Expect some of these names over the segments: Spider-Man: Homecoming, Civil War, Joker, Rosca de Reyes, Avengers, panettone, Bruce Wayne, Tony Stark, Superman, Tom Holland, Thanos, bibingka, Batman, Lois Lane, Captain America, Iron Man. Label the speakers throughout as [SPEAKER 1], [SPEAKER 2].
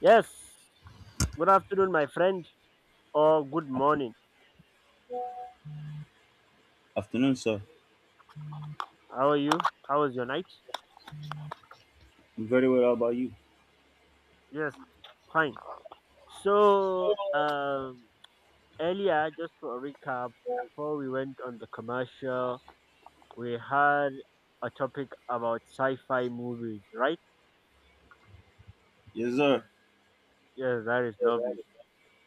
[SPEAKER 1] Yes. Good afternoon, my friend, or good
[SPEAKER 2] After-
[SPEAKER 1] morning.
[SPEAKER 2] Afternoon, sir.
[SPEAKER 1] How are you? How was your night?
[SPEAKER 2] I'm very well. How about you?
[SPEAKER 1] Yes, fine. So, earlier, just for a recap, before we went on the commercial, we had a topic about sci-fi movies, right?
[SPEAKER 2] Yes, sir.
[SPEAKER 1] Yes, that is lovely.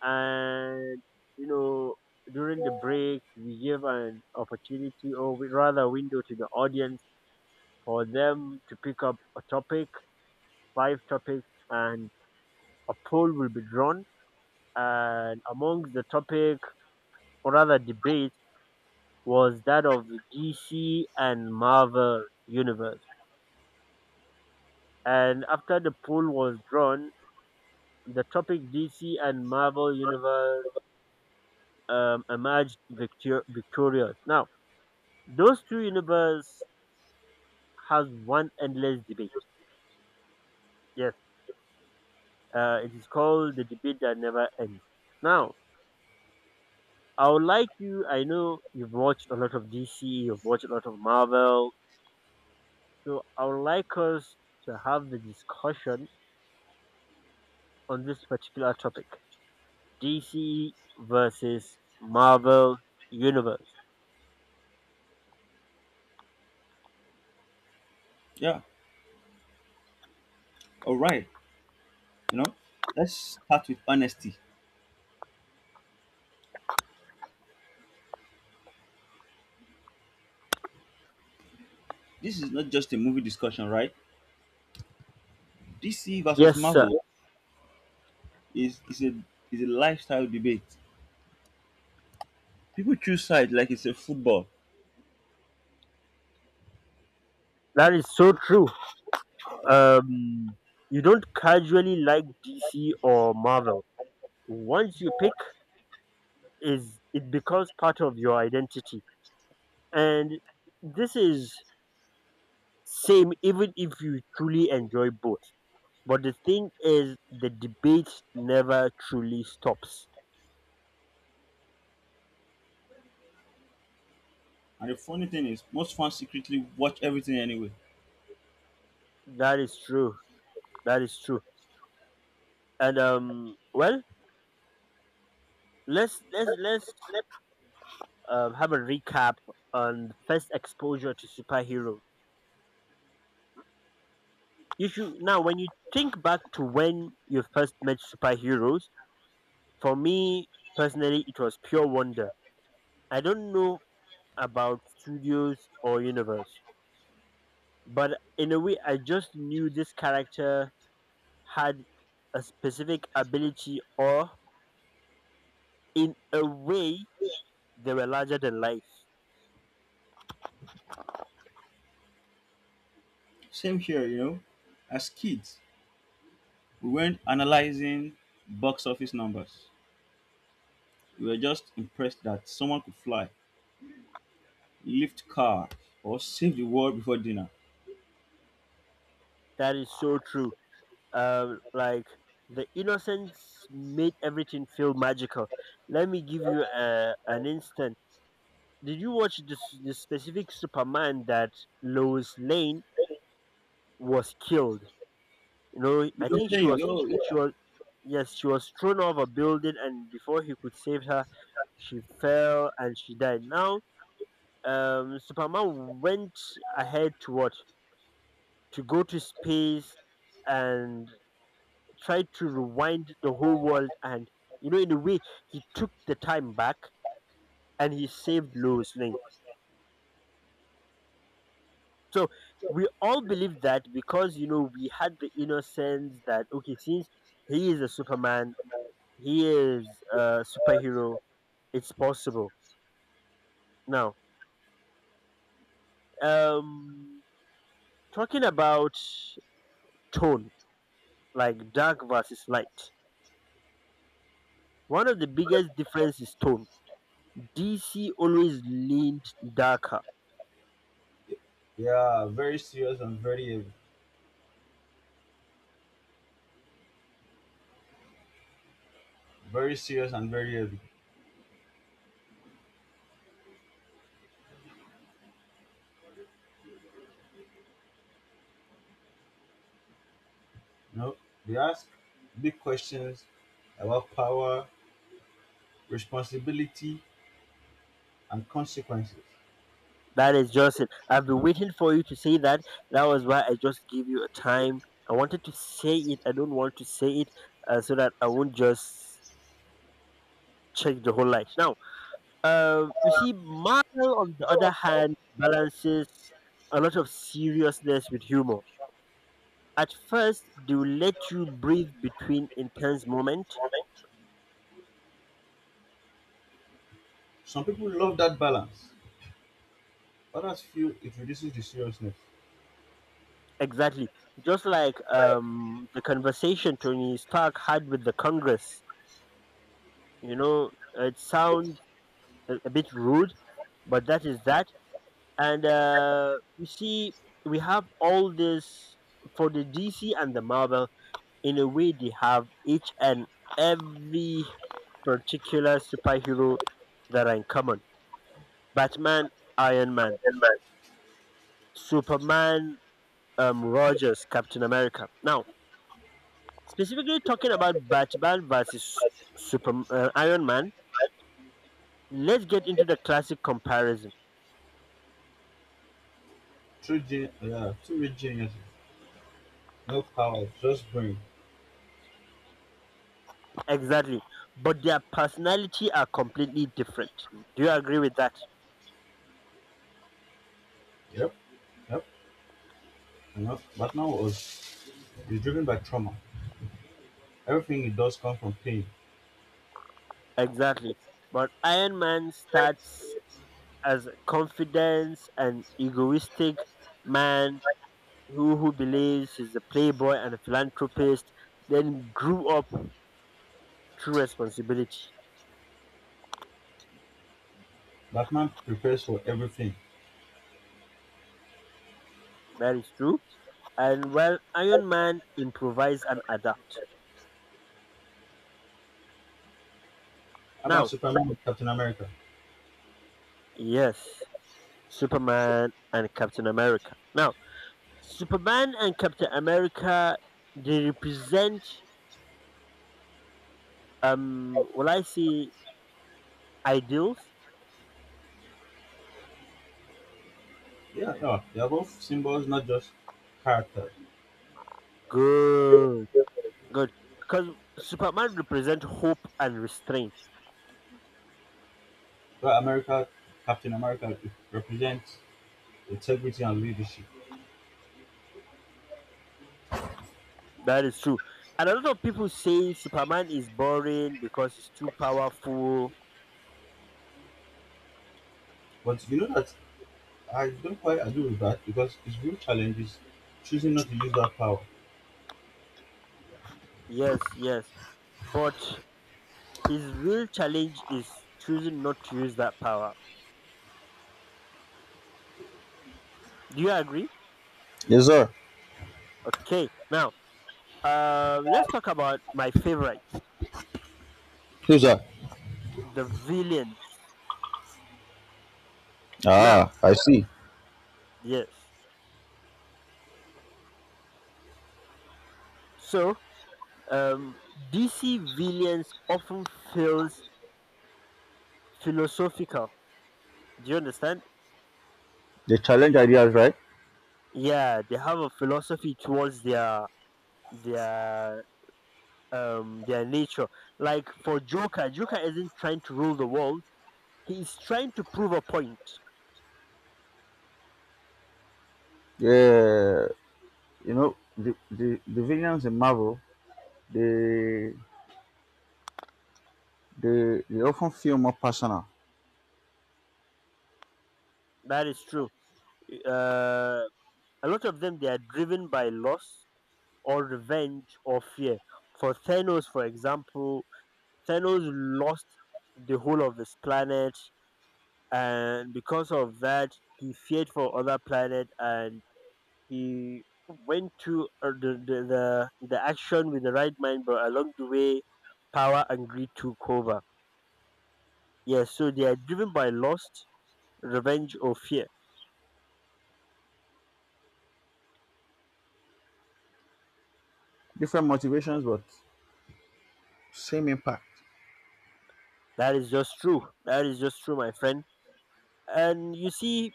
[SPEAKER 1] And you know, during the break, we give an opportunity, or we rather window to the audience for them to pick up a topic, five topics, and a poll will be drawn, and amongst the topic, or rather debate, was that of the DC and Marvel Universe. And after the poll was drawn, the topic DC and Marvel Universe emerged victorious. Now, those two universes has one endless debate. Yes, it is called the debate that never ends. Now, I would like you. I know you've watched a lot of DC, you've watched a lot of Marvel, so I would like us to have the discussion on this particular topic, DC versus Marvel Universe.
[SPEAKER 2] Yeah. All right. You know, let's start with honesty. This is not just a movie discussion, right? DC versus
[SPEAKER 1] Yes, sir.
[SPEAKER 2] Marvel is a is a lifestyle debate. People choose sides like it's a football.
[SPEAKER 1] That is so true. Um, you don't casually like DC or Marvel. Once you pick, is it becomes part of your identity, and this is same even if you truly enjoy both. But the thing is, the debate never truly stops.
[SPEAKER 2] And the funny thing is, most fans secretly watch everything anyway.
[SPEAKER 1] That is true. That is true. And well, let's have a recap on first exposure to superheroes. You should now when you think back to when you first met superheroes. For me personally, it was pure wonder. I don't know about studios or universe, but in a way, I just knew this character had a specific ability, or in a way, they were larger than life.
[SPEAKER 2] Same here, you know. As kids, we weren't analyzing box office numbers. We were just impressed that someone could fly, lift car, or save the world before dinner.
[SPEAKER 1] That is so true. Like, the innocence made everything feel magical. Let me give you an instant. Did you watch this, specific Superman that Lois Lane was killed? You know,
[SPEAKER 2] You
[SPEAKER 1] I
[SPEAKER 2] know
[SPEAKER 1] think she
[SPEAKER 2] playing.
[SPEAKER 1] was,
[SPEAKER 2] Yo, yeah.
[SPEAKER 1] she was. Yes, she was thrown off a building, and before he could save her, she fell and she died. Now, Superman went ahead to what? To go to space and tried to rewind the whole world, and you know, in a way, he took the time back and he saved Lois Lane. So we all believe that because you know, we had the innocence that okay, since he is a Superman, he is a superhero, it's possible. Now, um talking about tone, like dark versus light. One of the biggest differences is tone. DC always leaned darker.
[SPEAKER 2] Yeah, very serious and very heavy. Very serious and very heavy. You know, they ask big questions about power, responsibility, and consequences.
[SPEAKER 1] That is just it. I've been waiting for you to say that. That was why I just gave you a time. I wanted to say it. I don't want to say it so that I won't just check the whole life. Now, you see, Marvel, on the other hand, balances a lot of seriousness with humor. At first, they will let you breathe between intense moments.
[SPEAKER 2] Some people love that balance. Others feel it reduces the seriousness.
[SPEAKER 1] Exactly. Just like the conversation Tony Stark had with the Congress. You know, it sounds a bit rude, but that is that. And you see, we have all this for the DC and the Marvel. In a way, they have each and every particular superhero that are in common: Batman, Iron Man, Superman, Rogers, Captain America. Now, specifically talking about Batman versus Super Iron Man, let's get into the classic comparison.
[SPEAKER 2] Too rich genius. No power, just brain.
[SPEAKER 1] Exactly. But their personality are completely different. Do you agree with that?
[SPEAKER 2] Yep, yep. It's driven by trauma. Everything it does comes from pain.
[SPEAKER 1] Exactly. But Iron Man starts as a confidence and egoistic man who believes he's a playboy and a philanthropist, then grew up through responsibility.
[SPEAKER 2] Batman prepares for everything.
[SPEAKER 1] That is true. And well, Iron Man improvise and adapt.
[SPEAKER 2] How about
[SPEAKER 1] Now,
[SPEAKER 2] Superman and Captain America?
[SPEAKER 1] yes, Superman and Captain America. Now, Superman and Captain America, they represent, will I say, ideals?
[SPEAKER 2] Yeah, yeah, they are both symbols, not just characters.
[SPEAKER 1] Good. Good. Because Superman represents hope and restraint.
[SPEAKER 2] But America, Captain America represents integrity and leadership.
[SPEAKER 1] That is true. And a lot of people say Superman is boring because he's too powerful.
[SPEAKER 2] But you know that I don't quite agree with that because his real challenge is choosing not to use that power.
[SPEAKER 1] Yes, yes. But his real challenge is choosing not to use that power. Do you agree?
[SPEAKER 2] Yes, sir.
[SPEAKER 1] Okay. Now, let's talk about my favorite,
[SPEAKER 2] Yes, sir.
[SPEAKER 1] the villains.
[SPEAKER 2] Ah,
[SPEAKER 1] Now,
[SPEAKER 2] I see.
[SPEAKER 1] yes. So, um, DC villains often feels philosophical. Do you understand?
[SPEAKER 2] They challenge ideas, right?
[SPEAKER 1] Yeah, they have a philosophy towards their their nature. Like for Joker, isn't trying to rule the world. He is trying to prove a point.
[SPEAKER 2] Yeah, you know the villains in Marvel, they they often feel more personal,
[SPEAKER 1] That is true. Uh, a lot of them, they are driven by loss or revenge or fear. For Thanos, for example, Thanos lost the whole of his planet, and because of that he feared for other planet, and he went to the action with the right mind, but along the way power and greed took over. Yes, so they are driven by lust, revenge or fear.
[SPEAKER 2] different motivations, but same impact.
[SPEAKER 1] That is just true. That is just true, my friend. And you see,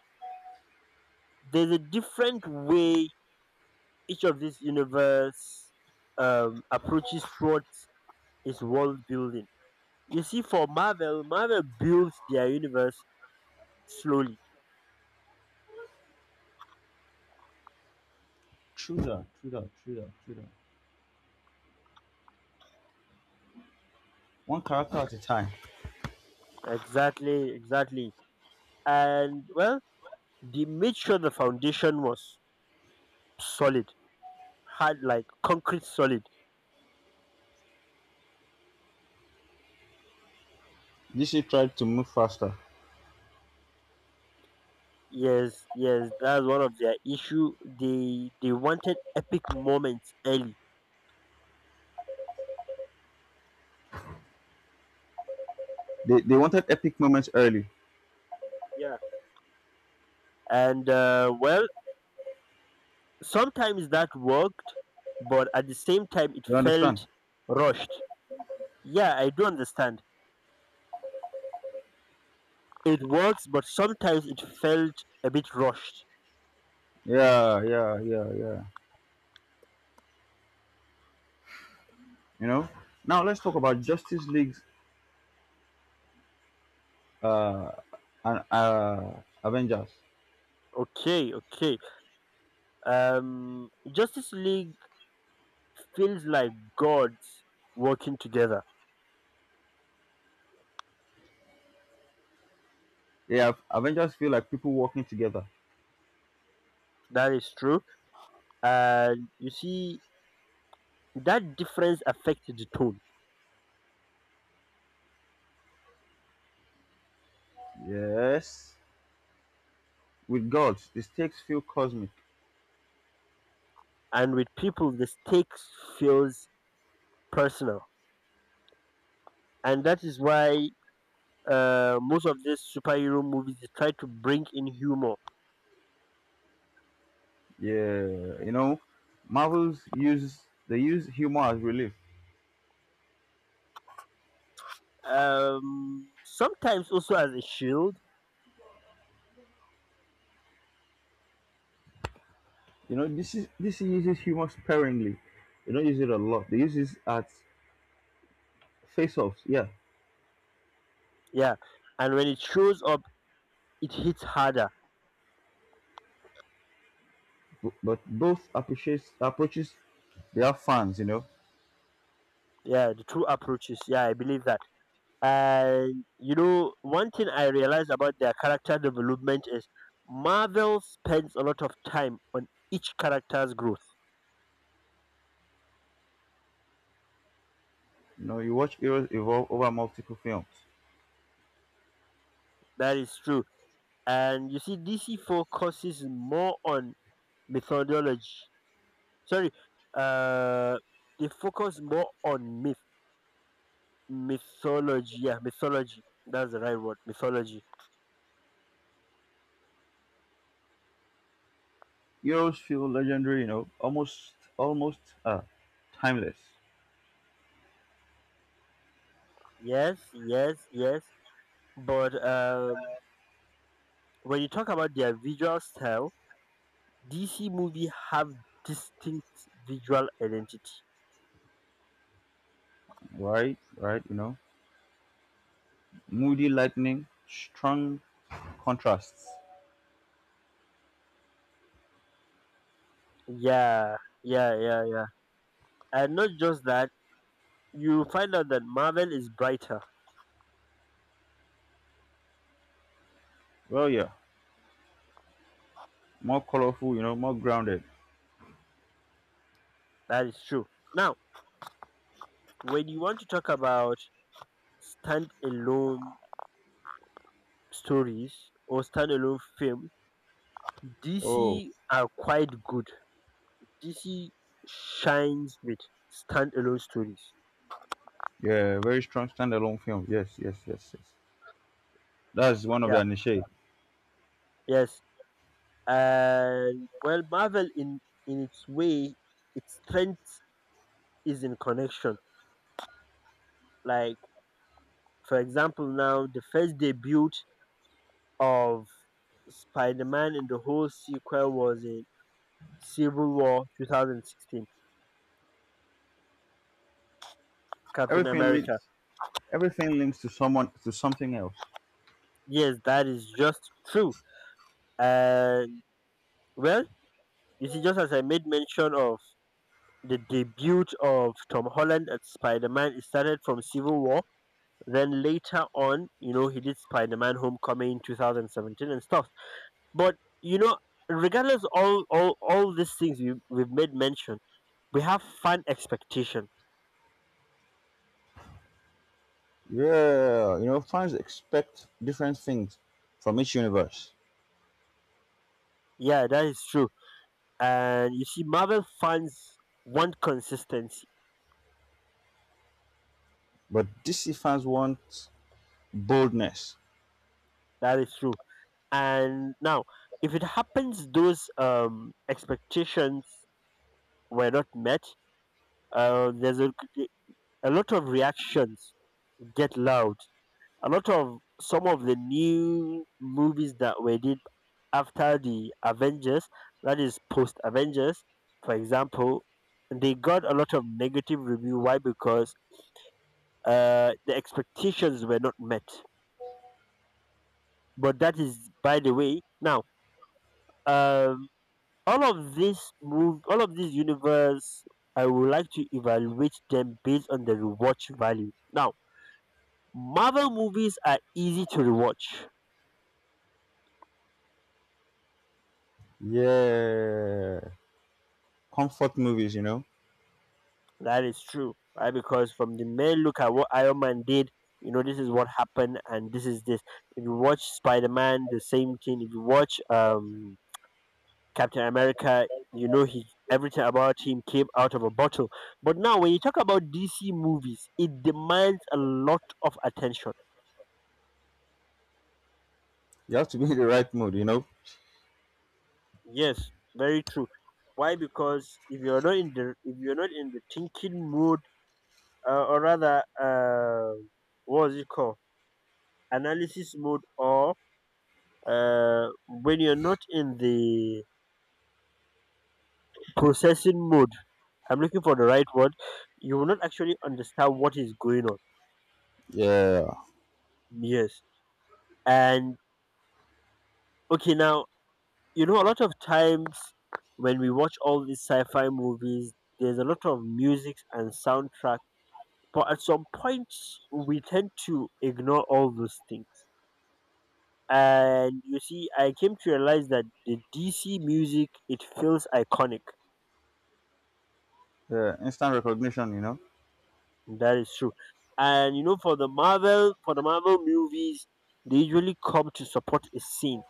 [SPEAKER 1] there's a different way each of these universe approaches towards its world building. You see, for Marvel, builds their universe slowly.
[SPEAKER 2] True that. One character at a time.
[SPEAKER 1] Exactly, exactly. And well, they made sure the foundation was solid, hard like concrete solid.
[SPEAKER 2] DC tried to move faster.
[SPEAKER 1] Yes, yes, that's one of their issue. They wanted epic moments early.
[SPEAKER 2] They wanted epic moments early.
[SPEAKER 1] Yeah. And well, sometimes that worked, but at the same time it
[SPEAKER 2] You understand?
[SPEAKER 1] felt rushed. Yeah, I do understand. It works, but sometimes it felt a bit rushed.
[SPEAKER 2] Yeah. You know? Now let's talk about Justice League's uh, and Avengers.
[SPEAKER 1] Okay, okay. um Justice League feels like gods working together.
[SPEAKER 2] Yeah, Avengers feel like people working together.
[SPEAKER 1] That is true. And you see, that difference affects the tone.
[SPEAKER 2] Yes. With gods, the stakes feel cosmic.
[SPEAKER 1] And with people, the stakes feels personal. And that is why most of these superhero movies, they try to bring in humor.
[SPEAKER 2] Yeah, you know, Marvels use humor as relief.
[SPEAKER 1] Sometimes also as a shield.
[SPEAKER 2] You know, this is this uses humor sparingly. They don't use it a lot. They use it at face-offs, yeah.
[SPEAKER 1] Yeah. And when it shows up, it hits harder.
[SPEAKER 2] But both approaches they have fans, you know.
[SPEAKER 1] Yeah, the two approaches. Yeah, I believe that. And you know, one thing I realized about their character development is Marvel spends a lot of time on each character's growth.
[SPEAKER 2] You know, you watch heroes evolve over multiple films.
[SPEAKER 1] That is true. And you see, DC focuses more on mythology. Sorry, uh, they focus more on mythology. Yeah, mythology. That's the right word. Mythology.
[SPEAKER 2] Heroes feel legendary, you know, almost timeless.
[SPEAKER 1] Yes, yes, yes. But when you talk about their visual style, DC movie have distinct visual identity.
[SPEAKER 2] Right, you know. Moody lightning, strong contrasts.
[SPEAKER 1] Yeah, yeah, yeah, yeah. And not just that, you find out that Marvel is brighter.
[SPEAKER 2] Well yeah. More colorful, you know, more grounded.
[SPEAKER 1] That is true. Now, when you want to talk about standalone stories or standalone film,
[SPEAKER 2] Oh,
[SPEAKER 1] DC are quite good. DC shines with standalone stories.
[SPEAKER 2] yeah, very strong standalone film. Yes. That's one of the
[SPEAKER 1] Yeah,
[SPEAKER 2] niche.
[SPEAKER 1] yes. And well, Marvel, in its way, its strength is in connection. Like, for example, now the first debut of Spider Man in the whole sequel was in Civil War 2016, Captain
[SPEAKER 2] Everything links.
[SPEAKER 1] America.
[SPEAKER 2] Everything links to someone to something else.
[SPEAKER 1] Yes, that is just true. And, well, you see, just as I made mention of the debut of Tom Holland as Spider Man, it started from Civil War. Then later on, you know, he did Spider-Man: Homecoming in 2017 and stuff. But you know, regardless, all these things we we've made mention, we have fan expectation.
[SPEAKER 2] Yeah, you know, fans expect different things from each universe,
[SPEAKER 1] Yeah, that is true. And you see, Marvel fans want consistency.
[SPEAKER 2] but DC fans want boldness.
[SPEAKER 1] That is true. And now, if it happens, those expectations were not met. There's a lot of reactions get loud. A lot of some of the new movies that were did after the Avengers, that is post Avengers, for example, they got a lot of negative review. Why? Because the expectations were not met. But that is, by the way, now um, all of these universe, I would like to evaluate them based on the rewatch value. Now, Marvel movies are easy to rewatch.
[SPEAKER 2] Yeah, comfort movies, you know.
[SPEAKER 1] That is true, right? Because from the mere look at what Iron Man did, you know, this is what happened, and this is this. If you watch Spider Man, the same thing. If you watch Captain America, you know, he everything about him came out of a bottle. But now, when you talk about DC movies, it demands a lot of attention.
[SPEAKER 2] You have to be in the right mood, you know.
[SPEAKER 1] Yes, very true. Why? Because if you're not in the thinking mood, or rather, what is it called? Analysis mode, or when you're not in the processing mode. I'm looking for the right word. You will not actually understand what is going on.
[SPEAKER 2] Yeah.
[SPEAKER 1] Yes. And okay, now, you know, a lot of times when we watch all these sci-fi movies, there's a lot of music and soundtrack, but at some point we tend to ignore all those things. And you see, I came to realize that the DC music, it feels iconic.
[SPEAKER 2] Yeah, instant recognition, you know.
[SPEAKER 1] That is true. And you know, for the Marvel movies, they usually come to support a scene.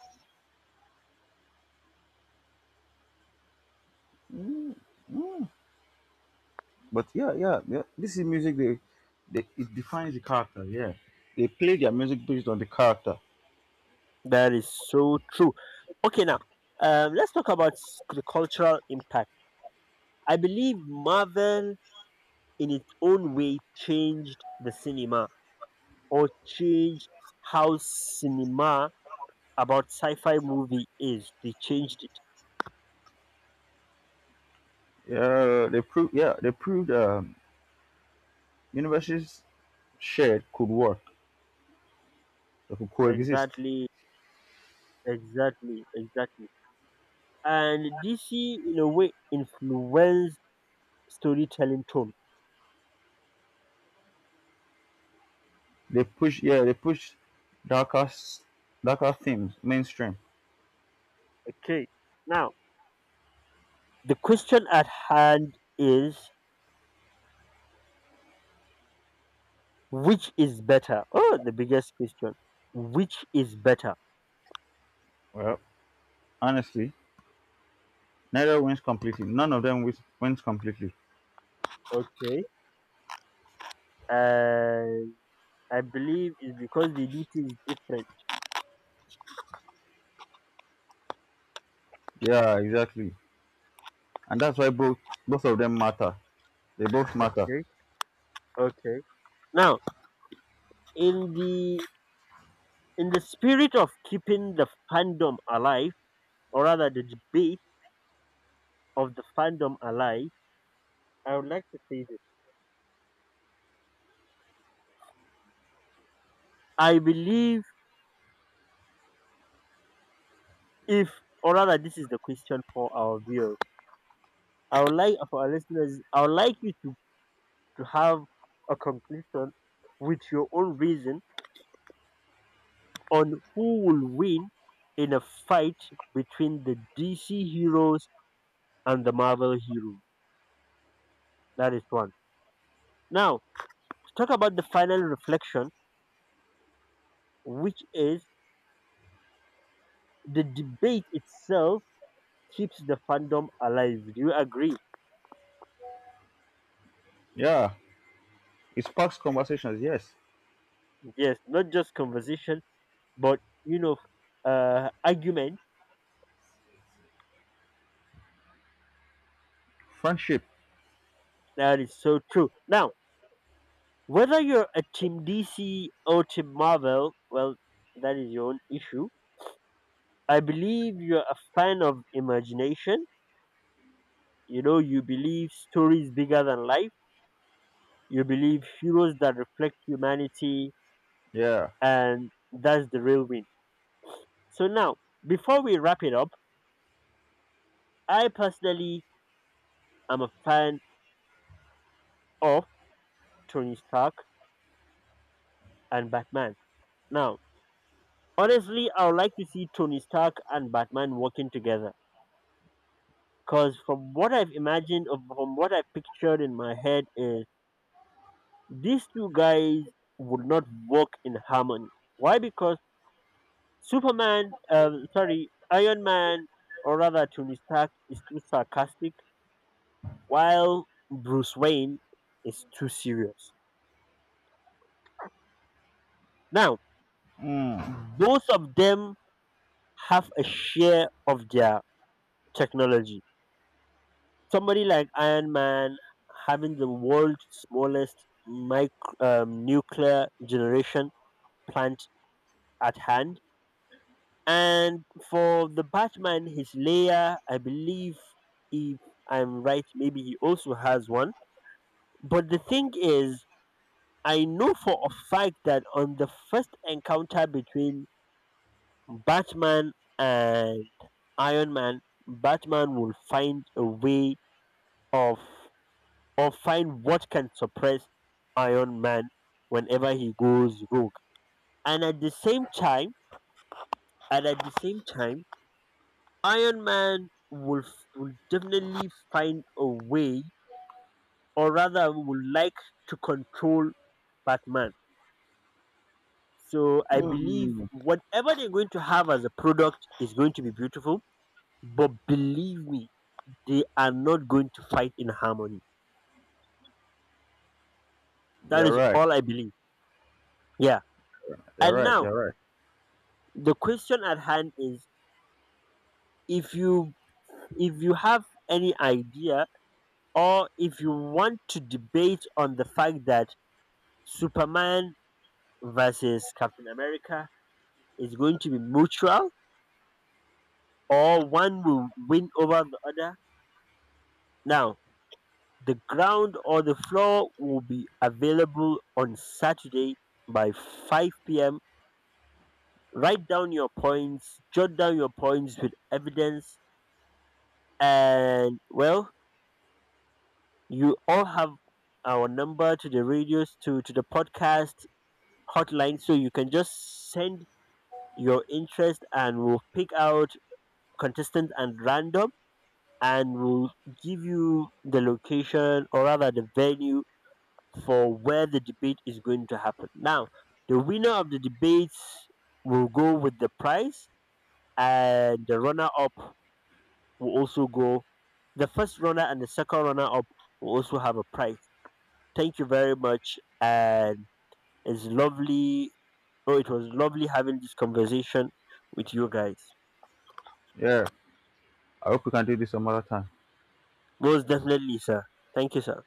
[SPEAKER 2] But yeah, yeah, yeah. This is music. They it defines the character. Yeah, they play their music based on the character.
[SPEAKER 1] That is so true. Okay, now, let's talk about the cultural impact. I believe Marvel, in its own way, changed the cinema, or changed how cinema about sci-fi movie is. They changed it.
[SPEAKER 2] Yeah, they proved universes shared could work, they could coexist.
[SPEAKER 1] Exactly, exactly, exactly. And DC, in a way, influenced storytelling tone.
[SPEAKER 2] They push darker, darker themes mainstream.
[SPEAKER 1] Okay. Now, the question at hand is, which is better? Oh, the biggest question. Which is better?
[SPEAKER 2] Well, honestly, neither wins completely. None of them wins completely.
[SPEAKER 1] Okay. And I believe it's because the duty is different.
[SPEAKER 2] Yeah, exactly, and that's why both of them matter. They both matter.
[SPEAKER 1] Okay. Okay. Now, in the in the spirit of keeping the fandom alive, or rather the debate of the fandom alive, I would like to say this. I believe if or rather this is the question for our viewers. I would like for our listeners I would like you to have a conclusion with your own reason on who will win in a fight between the DC heroes and the Marvel heroes. That is one. Now, to talk about the final reflection, which is the debate itself keeps the fandom alive. Do you agree?
[SPEAKER 2] Yeah, it sparks conversations. Yes,
[SPEAKER 1] Yes, not just conversation, but you know, argument.
[SPEAKER 2] friendship.
[SPEAKER 1] That is so true. Now, whether you're a Team DC or Team Marvel, well, that is your own issue. I believe you're a fan of imagination. You know, you believe stories bigger than life. You believe heroes that reflect humanity,
[SPEAKER 2] Yeah.
[SPEAKER 1] and that's the real win. So now, before we wrap it up, I personally am a fan of Tony Stark and Batman. Now, honestly, I would like to see Tony Stark and Batman working together. Because from what I've imagined, or from what I've pictured in my head, is these two guys would not work in harmony. Why? Because Iron Man, or rather Tony Stark, is too sarcastic, while Bruce Wayne is too serious. Now,
[SPEAKER 2] Mm.
[SPEAKER 1] both of them have a share of their technology. Somebody like Iron Man having the world's smallest micro, nuclear generation plant at hand. And for the Batman, his layer, I believe, if I'm right, maybe he also has one. But the thing is, I know for a fact that on the first encounter between Batman and Iron Man, Batman will find a way of, or find what can suppress Iron Man whenever he goes rogue. And at the same time, and at the same time, Iron Man will, will definitely find a way, or rather, would like to control Batman. So I believe
[SPEAKER 2] Mm.
[SPEAKER 1] whatever they're going to have as a product is going to be beautiful. But believe me, they are not going to fight in harmony. That
[SPEAKER 2] You're
[SPEAKER 1] is
[SPEAKER 2] right.
[SPEAKER 1] all I believe. Yeah.
[SPEAKER 2] You're
[SPEAKER 1] And
[SPEAKER 2] right.
[SPEAKER 1] now
[SPEAKER 2] You're right.
[SPEAKER 1] the question at hand is: if you if you have any idea, or if you want to debate on the fact that Superman versus Captain America is going to be mutual or one will win over the other. Now, the ground or the floor will be available on Saturday by 5 p.m. Write down your points, jot down your points with evidence, and well, you all have our number to the radios to the podcast hotline, so you can just send your interest and we'll pick out contestants and random, and will give you the location, or rather the venue, for where the debate is going to happen. Now, the winner of the debates will go with the prize, and the runner up will also go. The first runner and the second runner up will also have a prize. Thank you very much, and it's lovely. Oh, it was lovely having this conversation with you guys.
[SPEAKER 2] Yeah. I hope we can do this some other time.
[SPEAKER 1] Most definitely, sir. Thank you, sir.